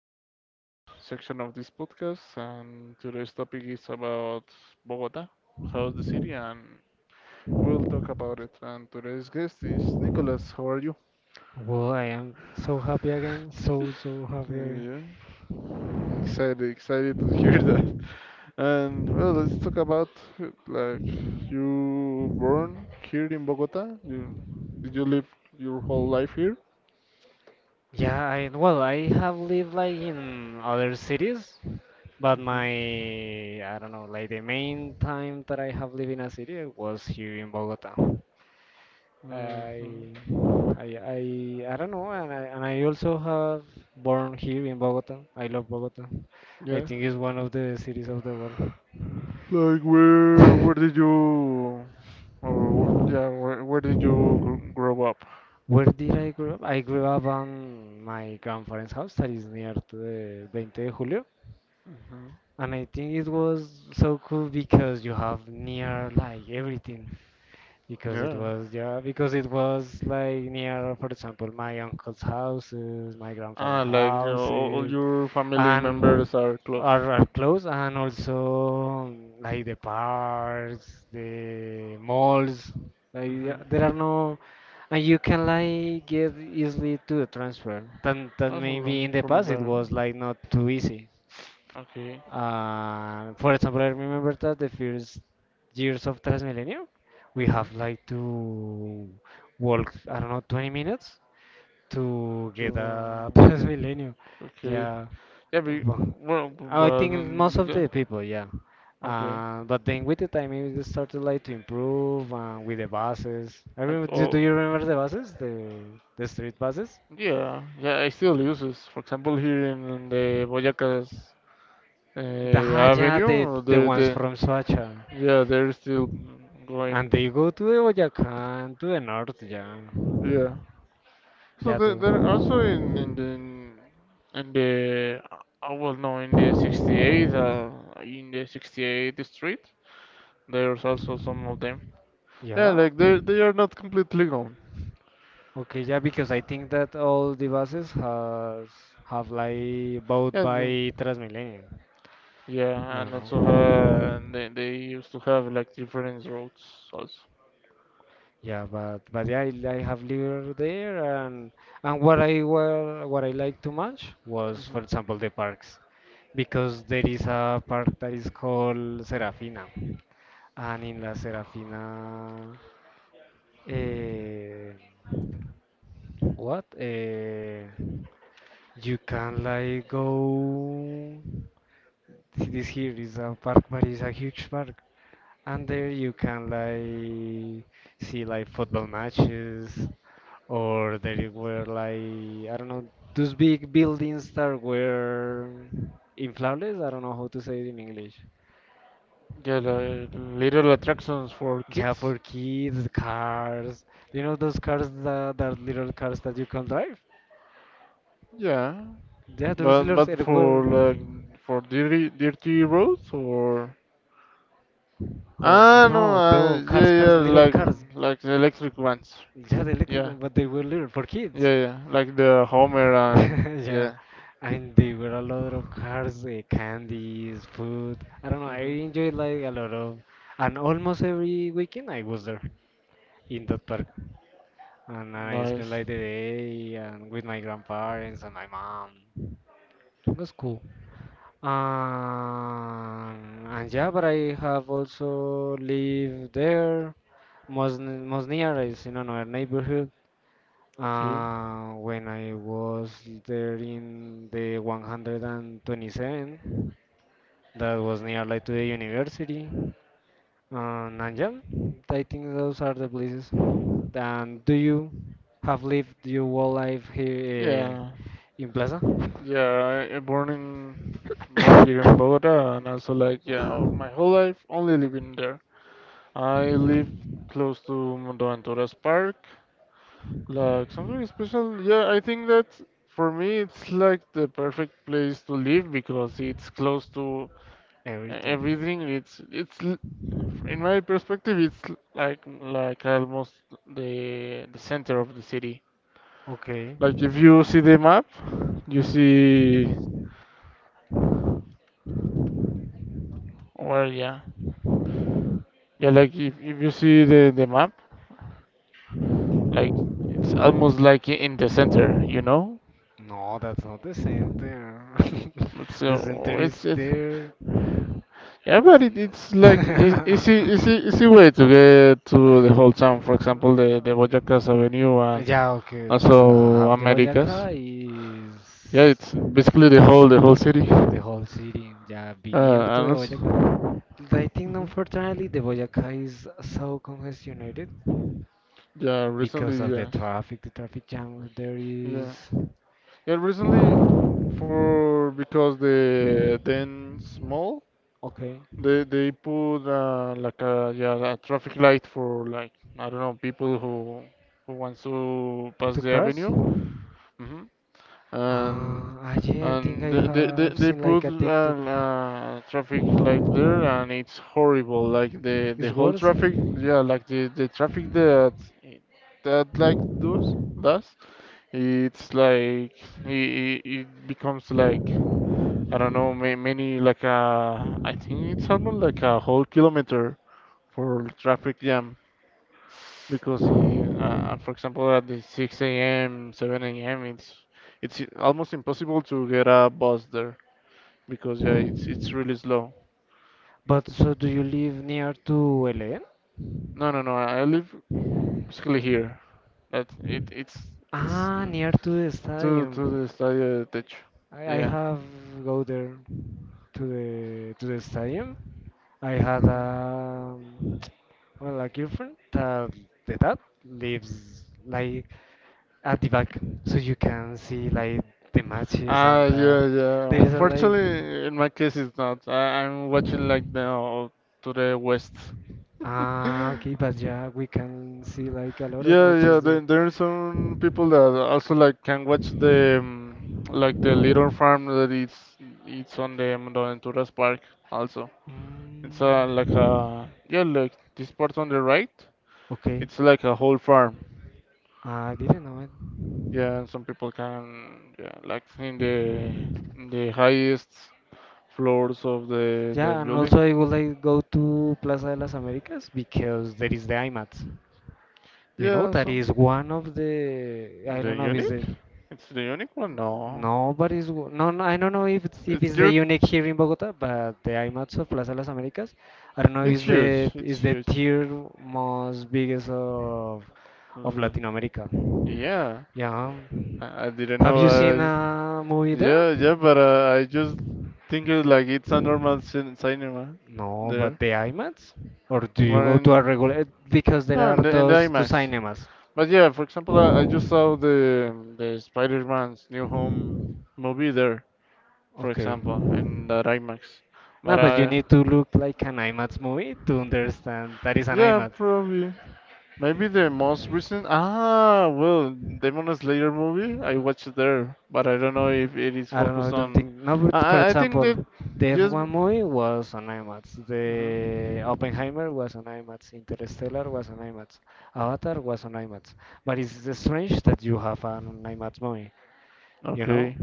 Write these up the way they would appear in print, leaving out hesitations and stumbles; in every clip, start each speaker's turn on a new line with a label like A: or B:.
A: our fifth section of this podcast. And today's topic is about Bogota, how's the city, and we'll talk about it. And today's guest is Nicholas. How are you?
B: Well, I am so happy again, so happy again.
A: Yeah, excited, excited to hear that. And well, let's talk about like you born here in Bogota. You did you live your whole life here?
B: Yeah, I well, I have lived like in other cities, but my I don't know, like the main time that I have lived in a city was here in Bogota.
A: Hmm,
B: I
A: hmm.
B: I don't know, and I also have born here in Bogota. I love Bogota. I
A: Yeah.
B: think it's one of the cities of the world.
A: Like where did you. Oh, yeah. Where did you grow up?
B: Where did I grow up? I grew up on my grandparents' house that is near to the 20 de Julio.
A: Mhm.
B: And I think it was so cool because you have near like everything. Because it
A: Yeah.
B: was, yeah, because it was like near, for example, my uncle's houses, my
A: Ah,
B: grandparents'
A: like you know, all
B: houses,
A: your family
B: and
A: members are close.
B: are close, and also like the parks, the malls, like yeah,
A: Mm-hmm.
B: there are no, and you can like get easily to the transfer, then that
A: That's all
B: maybe in the
A: from
B: past it
A: the.
B: was like not too easy.
A: Okay.
B: For example, I remember that the first years of transmilenio we
A: Mm-hmm.
B: have like to walk, I don't know, 20 minutes to get a transmilenio.
A: Okay.
B: Yeah,
A: Yeah, but,
B: well,
A: well, b- but
B: I think in most
A: um,
B: of
A: the-
B: the people, yeah.
A: Okay.
B: But then with the time, it just started like to improve with the buses. I
A: Like
B: remember, do
A: oh,
B: do you remember the buses, the street buses?
A: yeah, yeah. I still use this. For example, here in the Boyacás
B: Ah, yeah, the
A: Avenue, the
B: the ones
A: the
B: from Soacha,
A: Yeah, they're still going.
B: and they go to the Boyacá, to the north, yeah,
A: Yeah. So
B: yeah,
A: there,
B: to,
A: there also in the well no in the 68th in the 68th street there's also some of them. Yeah,
B: yeah.
A: like they are not completely gone.
B: Okay, yeah, because I think that all the buses has have like bought
A: Yeah.
B: by Transmilenio, you
A: Yeah, and also
B: know.
A: they used to have like different roads also.
B: Yeah, but yeah, I have lived there, and what I were what I liked too much was,
A: Hmm.
B: for example, the parks, because there is a park that is called Serafina, and in La Serafina, eh, what? You can like go. See, this here is a park, but it's a huge park, and there you can like see like football matches, or there were like, I don't know, those big buildings that were inflables. I don't know how to say it in English.
A: Yeah, like little attractions for
B: Yeah,
A: kids.
B: for kids, cars. You know those cars that, little cars that you can drive?
A: Yeah,
B: Yeah, those
A: but
B: little were.
A: for like for dirty roads or.
B: Oh,
A: Ah, no,
B: no, the cars,
A: yeah, yeah,
B: little cars.
A: like the electric ones.
B: Yeah, the electric
A: Yeah,
B: one, but they were little for kids.
A: yeah, yeah, like the Homer and
B: Yeah,
A: yeah.
B: and there were a lot of cars, candies, food. I don't know. I
A: Hmm.
B: enjoyed like a lot of, and almost every weekend I was there in that park, and I spent
A: Nice.
B: like the day and with my grandparents and my mom. It was cool. Um, and yeah, but I have also lived there. Mosniar is in another neighborhood,
A: Okay.
B: when I was there in the 127, that was near like to the university. And yeah, I think those are the places. And do you have lived your whole life here
A: Yeah,
B: in Plaza?
A: yeah. I born in born here in Bogota, and also like yeah, my whole life only living there. I live close to Mundo Venturas Park. Like something special. Yeah, I think that for me it's like the perfect place to live because it's close to
B: Everything.
A: everything it's in my perspective it's like almost the center of the city
B: Okay.
A: like if you see the map you see well yeah yeah like if you see the map like it's almost like in the center you know.
B: No, that's not the center.
A: it's uh,
B: The center
A: it's
B: is
A: it's
B: there.
A: yeah but it's like e- easy easy easy way to get to the whole town, for example the Boyacá Avenue and
B: Yeah, okay. The
A: also
B: half de
A: Americas.
B: Boyacá
A: Yeah,
B: is
A: it's basically the whole city.
B: the whole city. Yeah, be near to the
A: Honest.
B: Boyacá. I think
A: Hmm.
B: unfortunately the Boyacá is so congestionated
A: Yeah,
B: because
A: recently,
B: of the
A: yes.
B: traffic. The traffic jam there
A: Yeah,
B: is
A: yeah. Recently, for because the then small,
B: okay
A: they put like a yeah a traffic light for like I don't know people who wants to pass
B: to
A: the
B: cross.
A: avenue. Hmm. And
B: Yeah, I think
A: And
B: I
A: they, they, they
B: have
A: they
B: seen
A: put
B: like a TikTok.
A: an, traffic light there, and it's horrible. Like the
B: It's
A: whole
B: worse.
A: traffic, yeah, like the traffic that that like does, it's like it becomes like I don't know, ma many like I think it's almost like a whole kilometer for traffic jam because he, for example, at the 6 a.m., 7 a.m., it's almost impossible to get a bus there because yeah, it's really slow.
B: But so do you live near to Elen?
A: No, no, no. I live basically here. That it's
B: Ah,
A: mm,
B: near to the
A: to
B: stadium.
A: the estadio de techo.
B: I
A: Yeah.
B: have go there to the stadium. I had
A: Mhm.
B: a well, a girlfriend that the dad lives like at the back, so you can see like the matches
A: Ah,
B: and
A: yeah,
B: there
A: yeah.
B: is a like.
A: Unfortunately, in my case, it's not. I'm watching like now to the west.
B: Ah, okay, but yeah, we can see like a lot of
A: Yeah, yeah.
B: matches there.
A: There are some people that also like can watch the like the little farm that that is it's on the Buenaventuras Park also.
B: Mm,
A: It's like a yeah, like this part on the right.
B: okay,
A: It's like a whole farm.
B: I didn't know it.
A: Yeah, and some people can yeah, like in the highest floors of the
B: Yeah, and also
A: building.
B: I would like go to Plaza de las Américas because there is the IMAX. Do you know,
A: Yeah,
B: that
A: so
B: is one of the I
A: the
B: don't know if it's
A: unique?
B: the.
A: It's the unique one? No,
B: No, but it's no, no. I don't know if it's if
A: it's
B: it's the
A: dir-
B: unique here in Bogota, but the IMAX of Plaza Las Américas, I don't know,
A: It's
B: is
A: huge.
B: the
A: It's
B: is the
A: huge.
B: third most biggest of
A: Uh,
B: Latin America.
A: yeah,
B: Yeah.
A: I didn't
B: Have
A: know.
B: you seen a movie there?
A: Yeah, yeah, but I just think it like it's a normal cinema
B: No, but
A: there.
B: the IMAX? Or do you go to a
A: One.
B: regular? Because there
A: No,
B: are
A: in the
B: those two
A: IMAX.
B: cinemas.
A: But yeah, for example, I just saw the Spider-Man's New Home movie there, for
B: Okay.
A: example, in that IMAX. But
B: No, but you
A: I,
B: need to look like an IMAX movie to understand that is an
A: yeah,
B: IMAX.
A: probably. Maybe the most recent, ah, well, Demon Slayer movie, I watched it there, but I don't know if it is
B: I don't know. I
A: focused
B: don't
A: on.
B: think. No,
A: I,
B: but for
A: I I think
B: example,
A: that
B: the
A: just.
B: F1 movie was on IMAX.
A: Mhm.
B: The Oppenheimer was on IMAX. Interstellar was on IMAX. Avatar was on IMAX. But it's strange that you have an IMAX movie, you know,
A: Okay.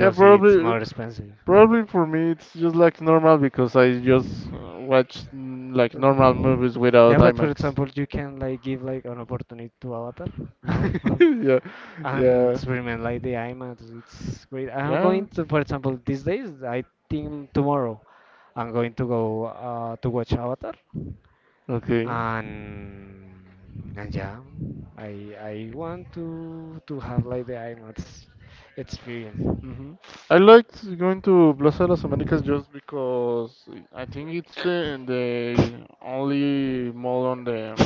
A: Yeah,
B: it's
A: probably.
B: more expensive.
A: Probably for me, it's just like normal because I just watch mm, like normal
B: Mm.
A: movies without
B: Yeah, but for
A: IMAX.
B: example, you can like give like an opportunity to Avatar now.
A: Yeah,
B: And
A: yeah,
B: experiment like the IMAX. It's great. I'm
A: yeah.
B: going to, for example, these days. I think tomorrow, I'm going to go to watch Avatar,
A: Okay.
B: and yeah, I want to have like the IMAX experience.
A: Hmm. I liked going to Plaza de las Américas just because I think it's the only mall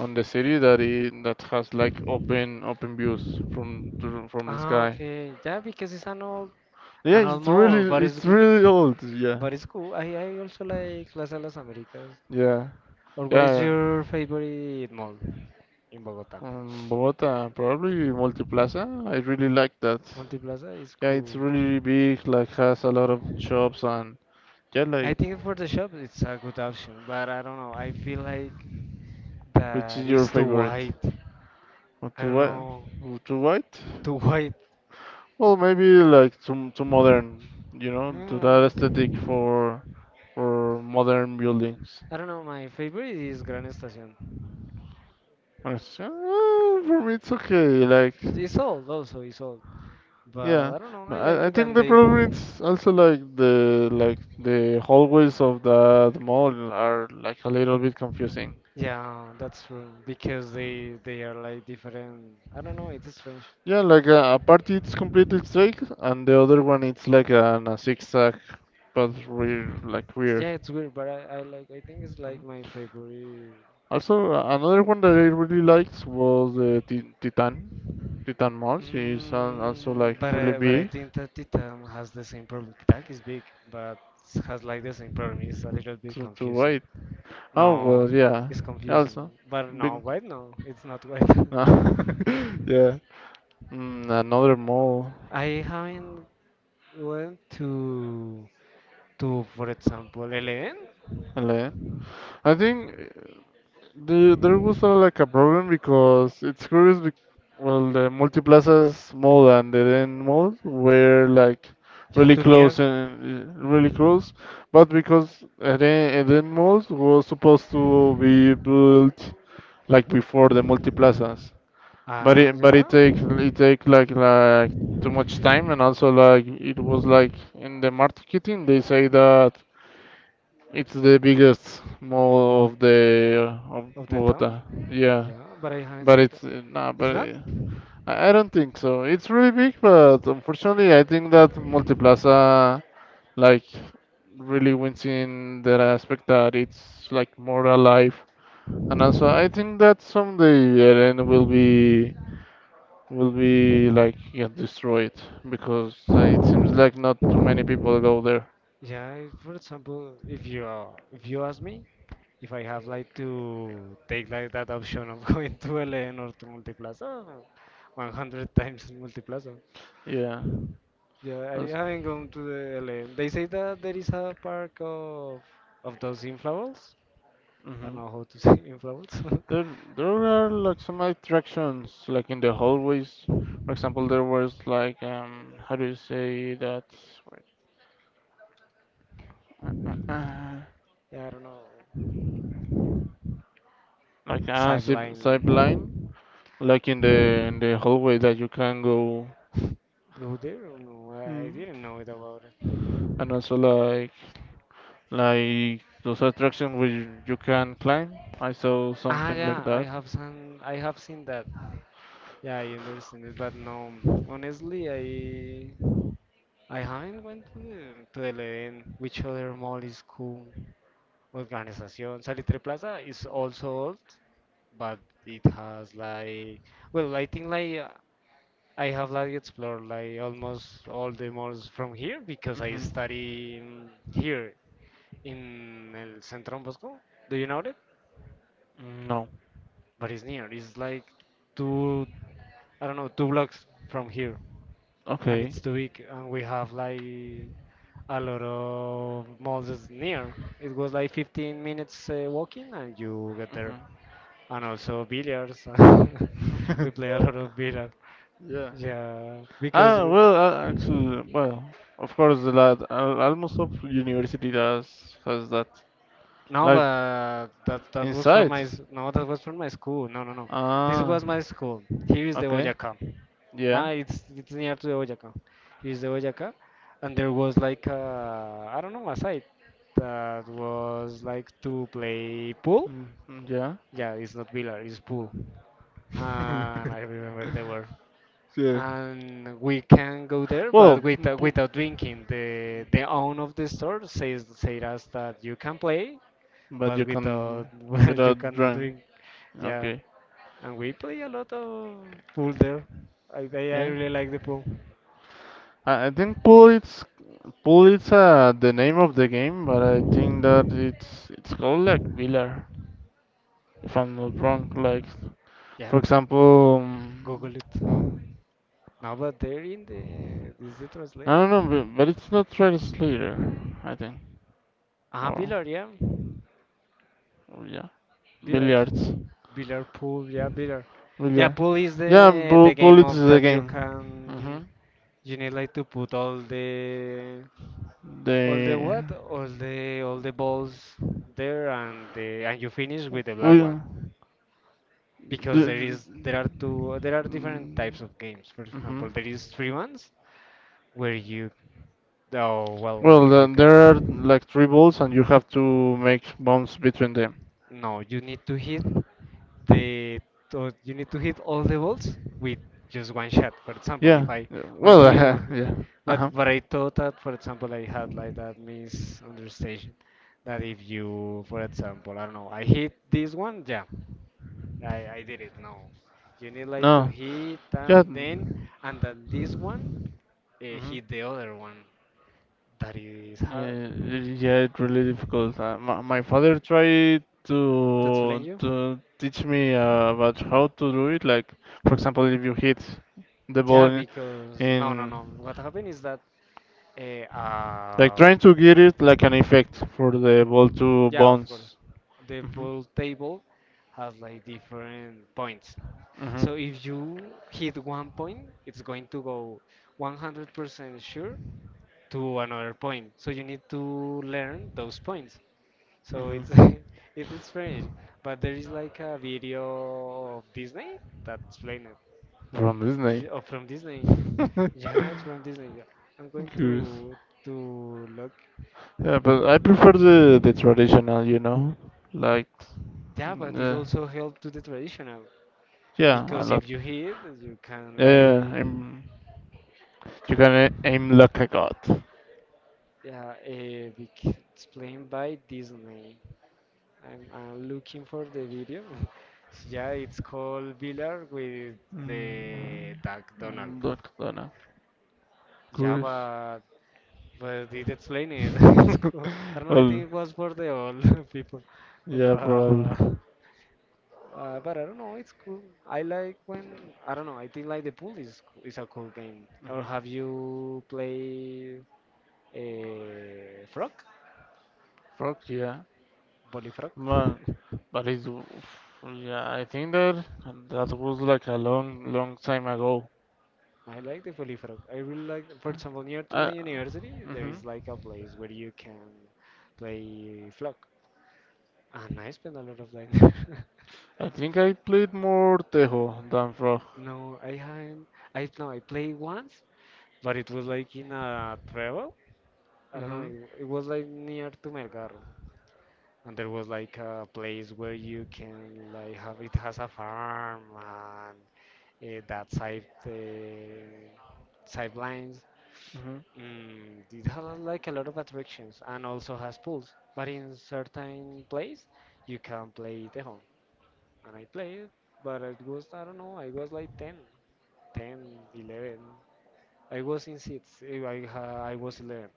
A: on the city that I that has like open views from from the
B: Ah,
A: sky.
B: okay, yeah, because it's an
A: Yeah,
B: old mall, but it's
A: it's
B: good,
A: really old. Yeah,
B: but it's cool. I also like Plaza de las Américas.
A: yeah,
B: Or what is
A: yeah.
B: your favorite mall in Bogota?
A: Bogota, probably Multiplaza. I really like that.
B: Multiplaza is
A: Yeah, it's
B: cool.
A: really big, like has a lot of shops and yeah,
B: I
A: like
B: think for the shop it's a good option, but I don't know. I feel like
A: which
B: that
A: is your
B: is too
A: favorite?
B: white.
A: Or
B: I
A: too
B: don't know.
A: white? Too white?
B: Too white.
A: Well, maybe like too modern, you know, to that aesthetic
B: Mm.
A: for modern buildings.
B: I don't know. My favorite is Gran Estación.
A: I s- uh, For me, it's okay. Like
B: It's old also. It's old, but
A: yeah,
B: I don't know.
A: but
B: I like
A: I
B: it,
A: think
B: and
A: the
B: they.
A: problem is also like the hallways of that mall are like a little bit confusing.
B: Yeah, that's true. Because they are like different. I don't know. It's strange.
A: Yeah, like a part it's completely straight and the other one it's like a zigzag, but weird, like
B: Yeah,
A: weird.
B: it's weird, but I like. I think it's like my favorite.
A: Also, another one that I really liked was the Titan. Titan Mall. She's also like
B: Mm, but
A: really
B: I, but I
A: big
B: think that Titan has the same problem. Titan is big, but has like the same problem. It's a little bit
A: to
B: confusing.
A: wait. Oh
B: No,
A: well, yeah.
B: it's confusing.
A: Also,
B: But no,
A: big.
B: white no, it's not white.
A: No. Yeah. Mm, another mall.
B: I haven't went to for example Eleven.
A: Ale. I think there was a, like a problem because it's curious. Be well, the Multiplazas mall and the Den mall were like
B: Yeah,
A: really
B: to near.
A: close and really close, but because Eden, Eden malls was supposed to be built like before the Multiplazas,
B: Ah,
A: but it
B: yeah,
A: takes it take like too much time and also like it was like in the marketing they say that. It's the biggest mall of the of
B: of the town.
A: Bogota. Yeah,
B: Yeah, but I haven't
A: but
B: seen that.
A: it's nah,
B: It's
A: but
B: not?
A: I don't think so. It's really big, but unfortunately, I think that Multiplaza like really wins in that aspect that it's like more alive, and also I think that someday Eren will be like yeah, destroyed because it seems like not too many people go there.
B: Yeah, for example, if you ask me if I have like to take like that option of going to LN or to Multiplaza, 100 times in Multiplaza.
A: Yeah.
B: Yeah, I
A: That's.
B: haven't gone to the LN. They say that there is a park of those inflatables. I
A: Hmm.
B: don't know how to say inflatables.
A: There, there are like some attractions, like in the hallways. For example, there was like how do you say that? Wait, uh, uh, uh,
B: Yeah, I don't know.
A: like a zip,
B: Sideline.
A: zip line, like in the hallway that you can go.
B: Go there? Or no, I
A: Mm.
B: didn't know it about it.
A: And also like those attractions where you can climb. I saw
B: Ah,
A: something like
B: yeah, I
A: that.
B: have some. I have seen that. Yeah, I understand it, but no, honestly, I haven't went to the Leven, which other mall is cool? Organización Salitre Plaza is also old, but it has like, well, I think like I have like explored like almost all the malls from here because I
A: Hmm.
B: study here in El Centro Bosco. Do you know it?
A: No.
B: But it's near. It's like two, I don't know, two blocks from here, and
A: Okay.
B: it's too big, and we have like a lot of malls near. It was like 15 minutes walking and you get there, and also billiards. We play a lot of billiards.
A: Yeah.
B: Yeah, because
A: Ah, well, actually, well, of course, the lot, almost of university does has that,
B: no,
A: like
B: but that was from
A: inside.
B: my no, that was from my school. No, no, no, this
A: Ah,
B: was my school. Here is the
A: okay.
B: Boyacá.
A: Yeah.
B: Ah, it's near to the Boyacá. It's the Boyacá, and there was like a, I don't know, a site that was like to play pool.
A: Mm, mm, yeah.
B: Yeah, it's not billiard, it's pool. And I remember they were.
A: Yeah.
B: And we can go there,
A: Well,
B: but without without drinking. The owner of the store says said us that you can play,
A: but
B: but
A: you
B: without
A: can
B: you
A: without
B: cannot
A: drink.
B: drink. Yeah,
A: Okay.
B: and we play a lot of pool there. I
A: Yeah.
B: really like the pool.
A: I think pool it's the name of the game, but I think that it's called like Wheeler, if I'm not wrong. Like
B: Yeah,
A: for example,
B: Google it.
A: uh,
B: Now, but they're in the. Is the
A: I
B: translator?
A: don't know, but it's not translator, I think.
B: Ah,
A: Or,
B: Biller, yeah.
A: or yeah,
B: Biller.
A: billiards,
B: Biller pool, yeah, Biller. Yeah,
A: billiard.
B: pool is
A: Yeah,
B: the the game
A: bullets
B: of
A: is the
B: that you
A: game.
B: can
A: Hmm.
B: you need like to put all the
A: They
B: what? All the balls there, and the and you finish with the
A: we
B: black one.
A: the.
B: Because there is there are two there are different types of games. For
A: Mm-hmm.
B: example, there is three ones where you, oh, well, what
A: Well,
B: you
A: then there are
B: can.
A: like three balls, and you have to make bounce between them.
B: No, you need to hit the you need to hit all the balls with just one shot. For example,
A: Yeah,
B: if I
A: yeah,
B: one
A: well,
B: here, one here.
A: yeah.
B: But
A: Uh-huh.
B: but I thought that, for example, I had like that misunderstanding that if you, for example, I don't know, I hit this one, yeah, I did it. No, you need like to
A: No.
B: hit
A: Yeah.
B: and then
A: Mm-hmm.
B: this one hit the other one. That is hard
A: Yeah, it's really difficult. My, my father tried
B: to explain you.
A: to teach me about how to do it. Like, for example, if you hit the ball
B: Yeah, because no, no,
A: in
B: no. What happened is that Eh,
A: like
B: uh,
A: trying to get it like an effect for the ball to
B: yeah, of course.
A: bounce.
B: The
A: Mhm.
B: pool table has like different points.
A: Mhm.
B: So if you hit one point, it's going to go 100% sure to another point. So you need to learn those points. So
A: Mhm.
B: it's it is strange, but there is like a video of Disney that explain it.
A: From Disney.
B: Oh, from Disney. Yeah, it's from Disney. Yeah. I'm going
A: Curious.
B: to look.
A: Yeah, but I prefer the traditional, you know, like,
B: Yeah,
A: mm,
B: but it also helped to the traditional.
A: yeah, a
B: Because
A: lot.
B: if you hit, you can
A: Yeah, yeah, yeah,
B: like,
A: I'm. You're gonna aim like a god.
B: yeah. It's playing by Disney. I'm looking for the video. Yeah, it's called Villar with the
A: Mm,
B: Duck Donald.
A: look, Luna.
B: Yeah,
A: Goose.
B: but did explain it. It's cool. I don't know. I
A: Well,
B: think it was for the old people,
A: yeah, probably.
B: but I don't know. It's cool. I like when I don't know. I think like the pool is a cool game. Or have you played? Uh, frog,
A: Fuck yeah.
B: Bullfrog.
A: Man. But it's. Yeah, I think that that was like a long, long time ago.
B: I like the bullfrog. I really like, for example, near to my
A: I.
B: university, there
A: Hmm.
B: is like a place where you can play frog, and I spend a lot of time there.
A: I think I played more Tejo than Frog.
B: No, I haven't. I No, I played once, but it was like in a travel. I don't know.
A: Hmm.
B: It was like near to Melgar, and there was like a place where you can like have it has a farm and that sidelines.
A: Hmm.
B: Mm, it has like a lot of attractions and also has pools. But in certain place, you can play it at home. And I played, but it was, I don't know, I was like 10, 10, 11. I was in seats. I was 11.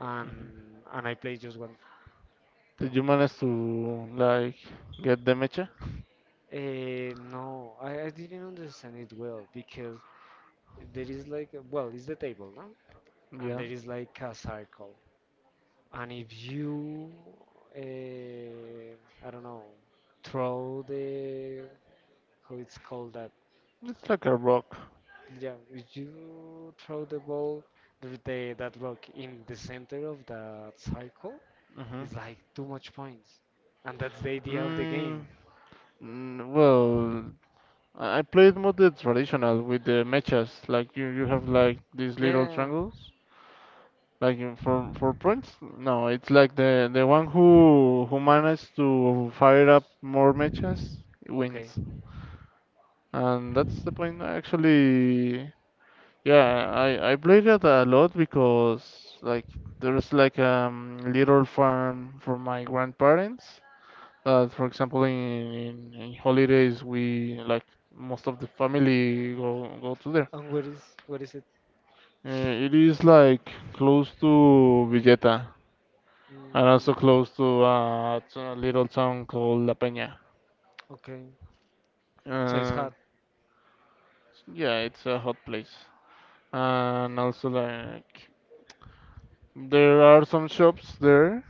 B: And, and I played just one at
A: Did
B: home.
A: you manage to, like, get the mecha?
B: No, I didn't understand it well because there is like, well, it's the table, no? And
A: Yeah.
B: there is like a circle. And if you, I don't know, throw the, how it's called that?
A: It's like a rock.
B: Yeah, if you throw the ball, that rock in the center of that circle,
A: Hmm.
B: it's like too much points. And that's the idea of the
A: Mm,
B: game.
A: mm, well, I played more the traditional with the mechas. Like you have like these little
B: Yeah,
A: triangles, like for prints. No, it's like the one who managed to fire up more mechas
B: okay.
A: wins, and that's the point. Actually, yeah, I played it a lot because like there's like a little farm for my grandparents. But for example, in holidays, we like most of the family go to there.
B: And where is it?
A: It is like close to Villeta and also
B: Mm,
A: close to a little town called La Peña.
B: okay. So it's
A: Uh,
B: hard.
A: yeah, it's a hot place, and also like there are some shops there,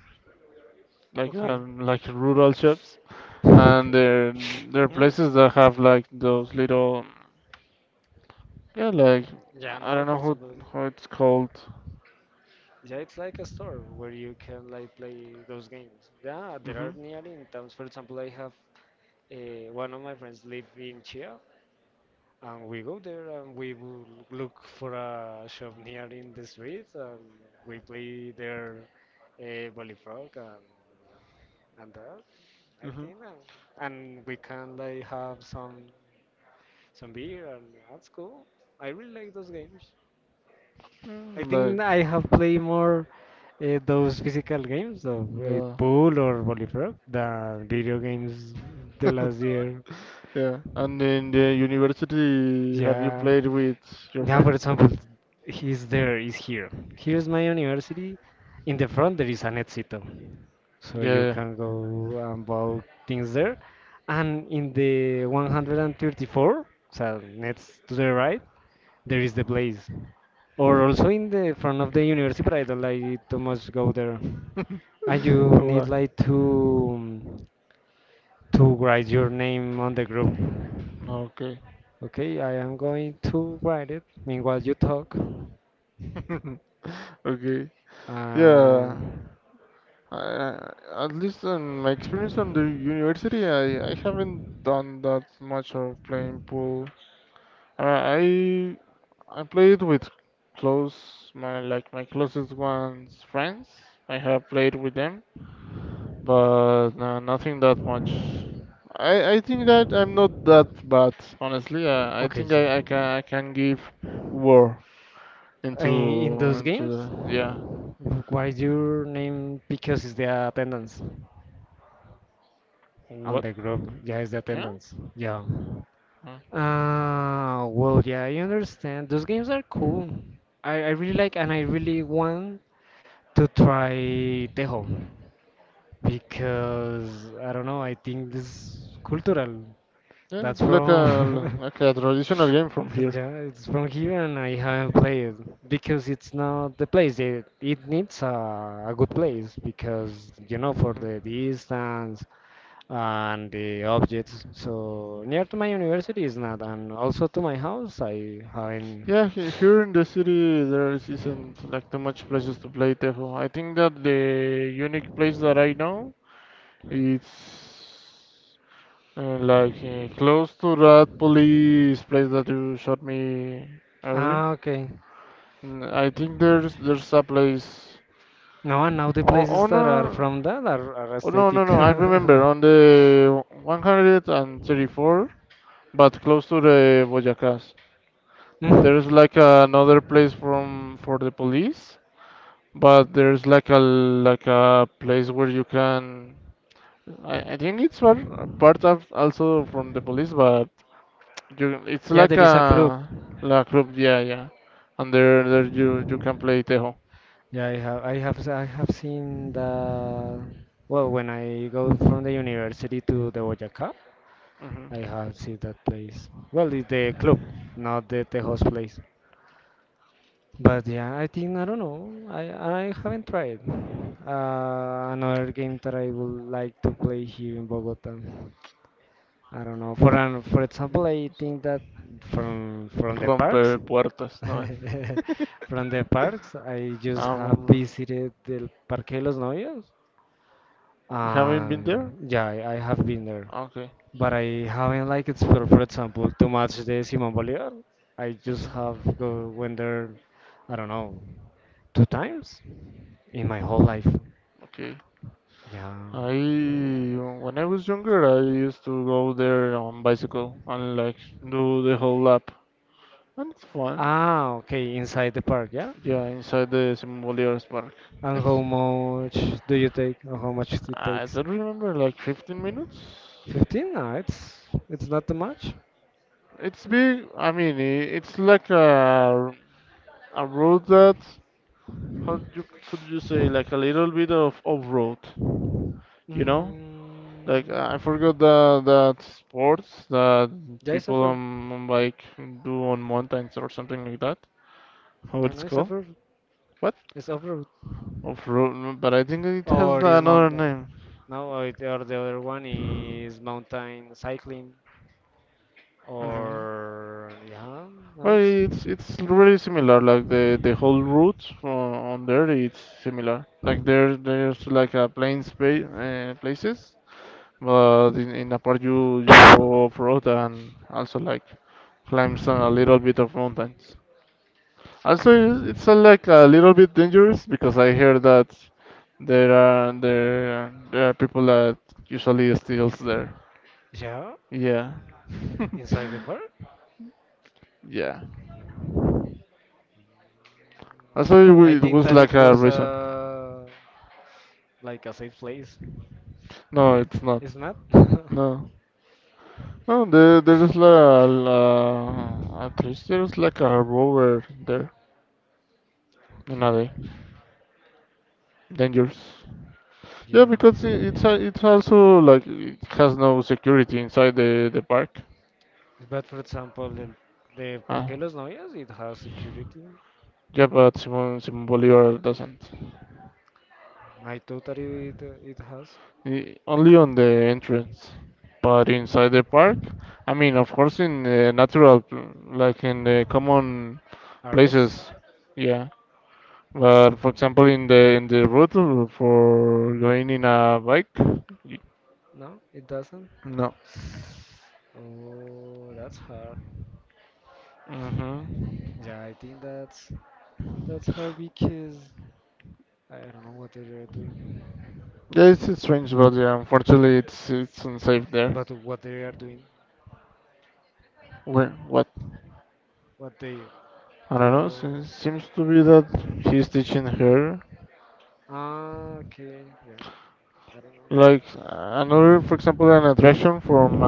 B: Okay.
A: like rural shops, and there there are
B: Mm.
A: places that have like those little yeah like
B: Yeah,
A: I
B: no,
A: don't
B: for
A: know
B: example,
A: how it's called.
B: yeah, it's like a store where you can like play those games. Yeah, there
A: Mm-hmm.
B: are near in towns. For example, I have one of my friends live in Chia, and we go there and we will look for a shop near in the streets, and we play there Bullfrog and that. I
A: Mm-hmm.
B: think, and we can like have some. Some beer, and that's cool. I really like those games. I
A: Mm, like
B: think I have played more those physical games of
A: the
B: pool or volleyball than video games the last year.
A: yeah. And in the university, have you
B: Yeah.
A: played with your
B: Yeah, for
A: friends?
B: example, he's there, is here. Here's my university. In the front, there is an Éxito. So you
A: Yeah,
B: can go and buy things there. And in the 134, so next to the right, there is the Blaze, or also in the front of the university, but I don't like it too much go there.
A: yeah.
B: And you need
A: Why?
B: like to write your name on the group.
A: Okay.
B: Okay, I am going to write it. Meanwhile, you talk.
A: Okay.
B: Uh,
A: Yeah. I at least in my experience on the university, I haven't done that much of playing pool. I I played with close my like my closest ones friends. I have played with them. But no, nothing that much. I think that I'm not that bad, honestly. I
B: okay,
A: think
B: so
A: I can give war
B: in
A: into
B: those
A: into
B: games,
A: the- yeah.
B: what is your name? Because it's the attendance on
A: What?
B: the group. Yeah, it's the
A: Yeah?
B: attendance. Yeah.
A: Uh,
B: Well, yeah, I understand. Those games are cool. I really like and I really want to try Tejo because I don't know, I think this is cultural.
A: Yeah,
B: That's
A: it's
B: from
A: like a traditional game from here.
B: yeah, it's from here and I haven't played it because it's not the place. It needs a good place because you know for
A: Mhm.
B: the distance and the objects. So near to my university is not, and also to my house I haven't.
A: Yeah, here in the city there isn't like too much places to play Tejo. I think that the unique place that I know it's like close to that police place that you shot me early.
B: Ah, okay.
A: Mm, I think there's a place.
B: No, and now the
A: Oh,
B: places
A: oh no,
B: that are
A: no,
B: from that are
A: oh, no, no,
B: aesthetic.
A: no. I remember on the 134, but close to the Boyacás.
B: Mm.
A: There's like another place from for the police, but there's like a place where you can. I think it's part, part of also from the police, but you, it's
B: Yeah,
A: like
B: there is a club.
A: a la club, yeah, yeah. And there you can play tejo.
B: Yeah, I have seen the. Well, when I go from the university to the Boyacá,
A: Mhm.
B: I have seen that place. Well, it's the club, not the Tejo's place. But yeah, I think I don't know. I haven't tried another game that I would like to play here in Bogota. I don't know. For example, I think that from the parks,
A: Rompe puertas, no.
B: from the parks, I just have
A: Um,
B: visited the Parque de los Novios.
A: you haven't been there?
B: Um, yeah, I have been there,
A: Okay,
B: but I haven't like explored, for example, too much the Simón Bolívar. I just
A: okay,
B: have go went there, I don't know, two times in my whole life.
A: okay.
B: Yeah.
A: I when I was younger, I used to go there on bicycle and like do the whole lap, and it's fun.
B: Ah, okay, inside the park, yeah?
A: Yeah, inside the Simon Park.
B: And how much do you take? Or how much it
A: I
B: takes?
A: don't remember like 15 minutes.
B: 15? No, it's not too much.
A: It's big. I mean, it's like a road that how you could you say like a little bit of off road. You know, like
B: Mm,
A: I forgot the that sports that
B: yeah, it's
A: people
B: off-road.
A: on bike do on mountains or something like that. How
B: Yeah, no,
A: it's
B: it's
A: called?
B: off-road.
A: What?
B: It's off-road.
A: Off road, but I think it has
B: Or is
A: another
B: mountain.
A: name.
B: No, or the other one is mountain cycling.
A: Hmm.
B: Or yeah, no,
A: Well,
B: it's
A: it's really similar. Like the whole route on there, it's similar. Like there there's like a plain space places. But in a part you go off road and also like climb some a little bit of mountains. Also, like a little bit dangerous because I hear that there there are people that usually steals there.
B: yeah,
A: Yeah,
B: inside the park.
A: yeah.
B: Yeah.
A: Also, it
B: I
A: it
B: think
A: was
B: that
A: like
B: it
A: a
B: was
A: reason.
B: like a safe place,
A: No, it's not.
B: isn't it?
A: No, no. There is la, at least there is like a rover there in a day.
B: Okay.
A: Dangerous. Yeah, because
B: Yeah.
A: it's also like it has no security inside the park.
B: But for example, the
A: Ah,
B: Parque Los Novios, it has security.
A: yeah, but Simon Bolivar doesn't.
B: I thought that it has.
A: I- only on the entrance, but
B: Mm,
A: inside the park. I mean, of course, in the natural, like in the common
B: areas?
A: places. Yeah, but for example, in the route for going in a bike, y-
B: No, it doesn't.
A: no.
B: Oh, that's hard.
A: Mm-hmm.
B: Yeah, I think that's hard because I don't know what they are doing.
A: Yeah, it's strange, but yeah, unfortunately, it's unsafe there.
B: But what they are doing,
A: Where? What?
B: what they
A: I don't
B: they
A: know.
B: are.
A: Seems to be that he's teaching her
B: Ah, okay, yeah. I don't know.
A: like another, for example, an attraction from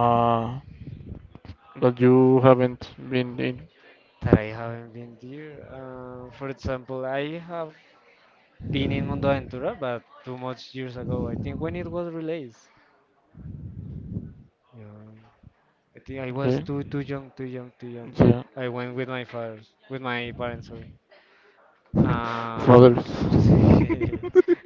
A: uh, that you haven't been in.
B: That I haven't been there. For example, I have been in Mundo Aventura, but too much years ago. I think when it was released. Yeah, I think I was
A: Okay.
B: too young, too young, too young.
A: Yeah.
B: I went with my father, with my parents, sorry.
A: For
B: Uh,
A: others.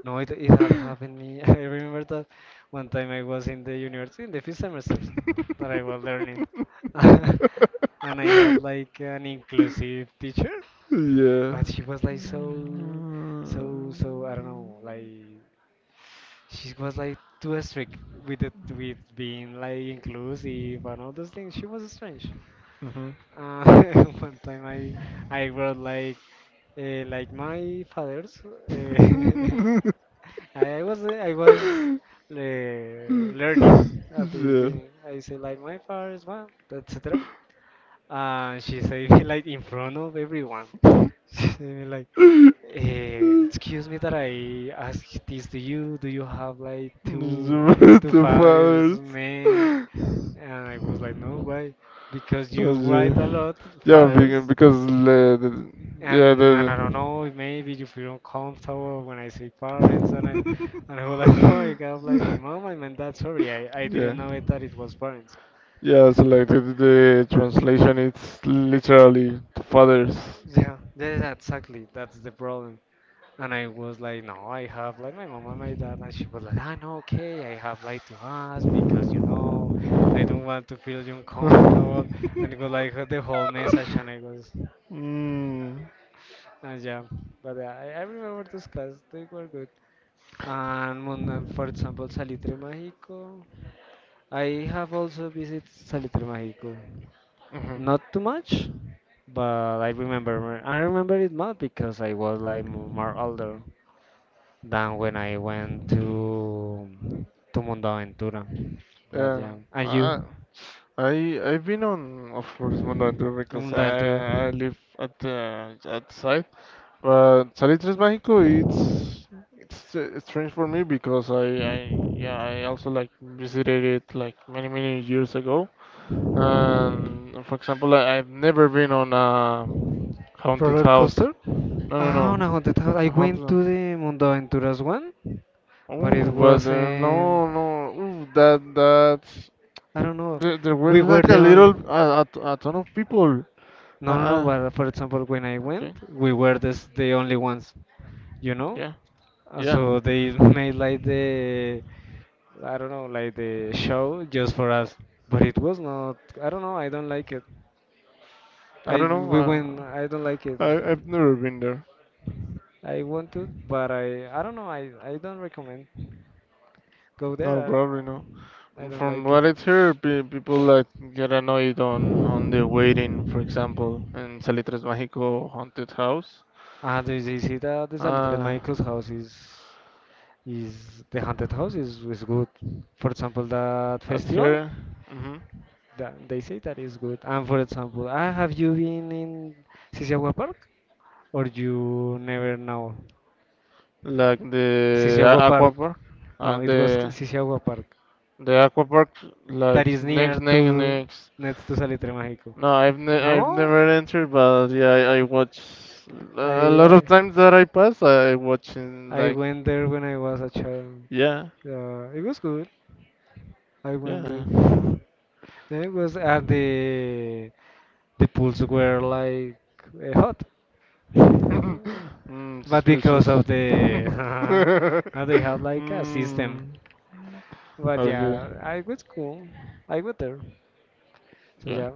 B: no, it had happened me. I remember that one time I was in the university in the fifth semesters that I was learning, and I had like an inclusive teacher.
A: Yeah.
B: But she was like so, so, so, I don't know. Like she was like too strict with it, with being like inclusive and all those things. She was strange. Uh, one time I wrote like my father's. Uh,
A: Mm-hmm.
B: I was
A: Yeah.
B: learning at the
A: The
B: beginning. I say like my father's one, etc. And she said like in front of everyone. They'll be like, excuse me that I ask this to you. Do you have like two
A: the
B: fathers,
A: fathers.
B: man? And I was like, no, why? Because
A: Oh,
B: you write a
A: yeah.
B: lot,
A: Yeah, vegan
B: fathers,
A: because the yeah
B: and I don't
A: the
B: know, maybe you feel uncomfortable when I say parents, and I was like, no, I got like my mom I meant that. Sorry, I didn't
A: yeah
B: know it that it was parents.
A: yeah. So like the translation, it's literally the fathers.
B: Yeah, yeah, yeah, exactly. That's the problem. And I was like, no, I have like my mom and my dad, and she was like, ah, no, okay, I have like to ask because you know, I don't want to feel you uncomfortable. And it was like the whole message, and I was,
A: Mm.
B: and yeah, but yeah, I remember those classes, they were good. And for example, Salitre Mágico, I have also visited Salitre Mágico, not too much, but I remember it more because I was like more older. Than when I went to Mundo Aventura, But
A: Yeah.
B: yeah, and
A: I
B: you,
A: I I've been on of course Mundo Tour because
B: Mundo
A: I
B: Aventura
A: I live at outside. But Salitres Mágico, it's strange for me because I yeah I also like visited it like many many years ago. And for example, I've never been on a haunted
B: Roller
A: house.
B: coaster?
A: No, no, no,
B: Ah, on a haunted house. I
A: a
B: went
A: haunted.
B: to the Mundo Aventuras one, but it
A: Oh, but
B: wasn't.
A: no, no. Ooh, that that's
B: I don't know.
A: there, there were
B: We were
A: like
B: the
A: a
B: only.
A: little a ton of people. Uh,
B: No, no, no.
A: uh,
B: But for example, when I
A: okay,
B: went, we were this, the only ones. You know.
A: yeah,
B: So
A: yeah.
B: they made like the. I don't know, like the show just for us. But it was not. I don't know. I don't like it.
A: I
B: I
A: don't know.
B: We went. I don't like it.
A: I've never been there.
B: I want to, but I don't know. I don't recommend go
A: No,
B: there.
A: probably no.
B: I don't
A: From
B: like it.
A: what I've heard, people like get annoyed on the waiting. For example, in Salitres Mágico haunted house,
B: Ah, the visita de Salitre
A: uh,
B: Michael's house is the haunted house is good. For example, that
A: I've
B: festival,
A: heard, mhm,
B: that they say that is good. And for example, have you been in Sisiagua Park or you never know?
A: like the
B: Sisiagua
A: aqua
B: Park.
A: park,
B: No,
A: and
B: it was
A: the
B: Sisiagua Park.
A: the aqua park,
B: That
A: like
B: is near
A: next
B: to
A: next.
B: next to Salitre Mágico.
A: No, I've
B: No,
A: never entered, but yeah, I watch a lot of
B: I,
A: times that I pass. I watch in
B: I
A: like
B: went there when I was a child.
A: yeah
B: Yeah, it was good. I went
A: yeah.
B: there. Yeah, and it was at the pools were like hot, Uh,
A: Mm,
B: but because
A: suspicious.
B: of the now they have like a system.
A: Mm,
B: But
A: okay,
B: yeah, I was cool. I went there. So
A: yeah,
B: yeah.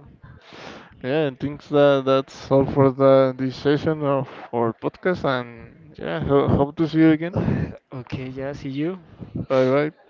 A: yeah. I think that that's all for the this session of our podcast, and yeah, hope to see you again.
B: Okay, yeah. See you.
A: Bye bye.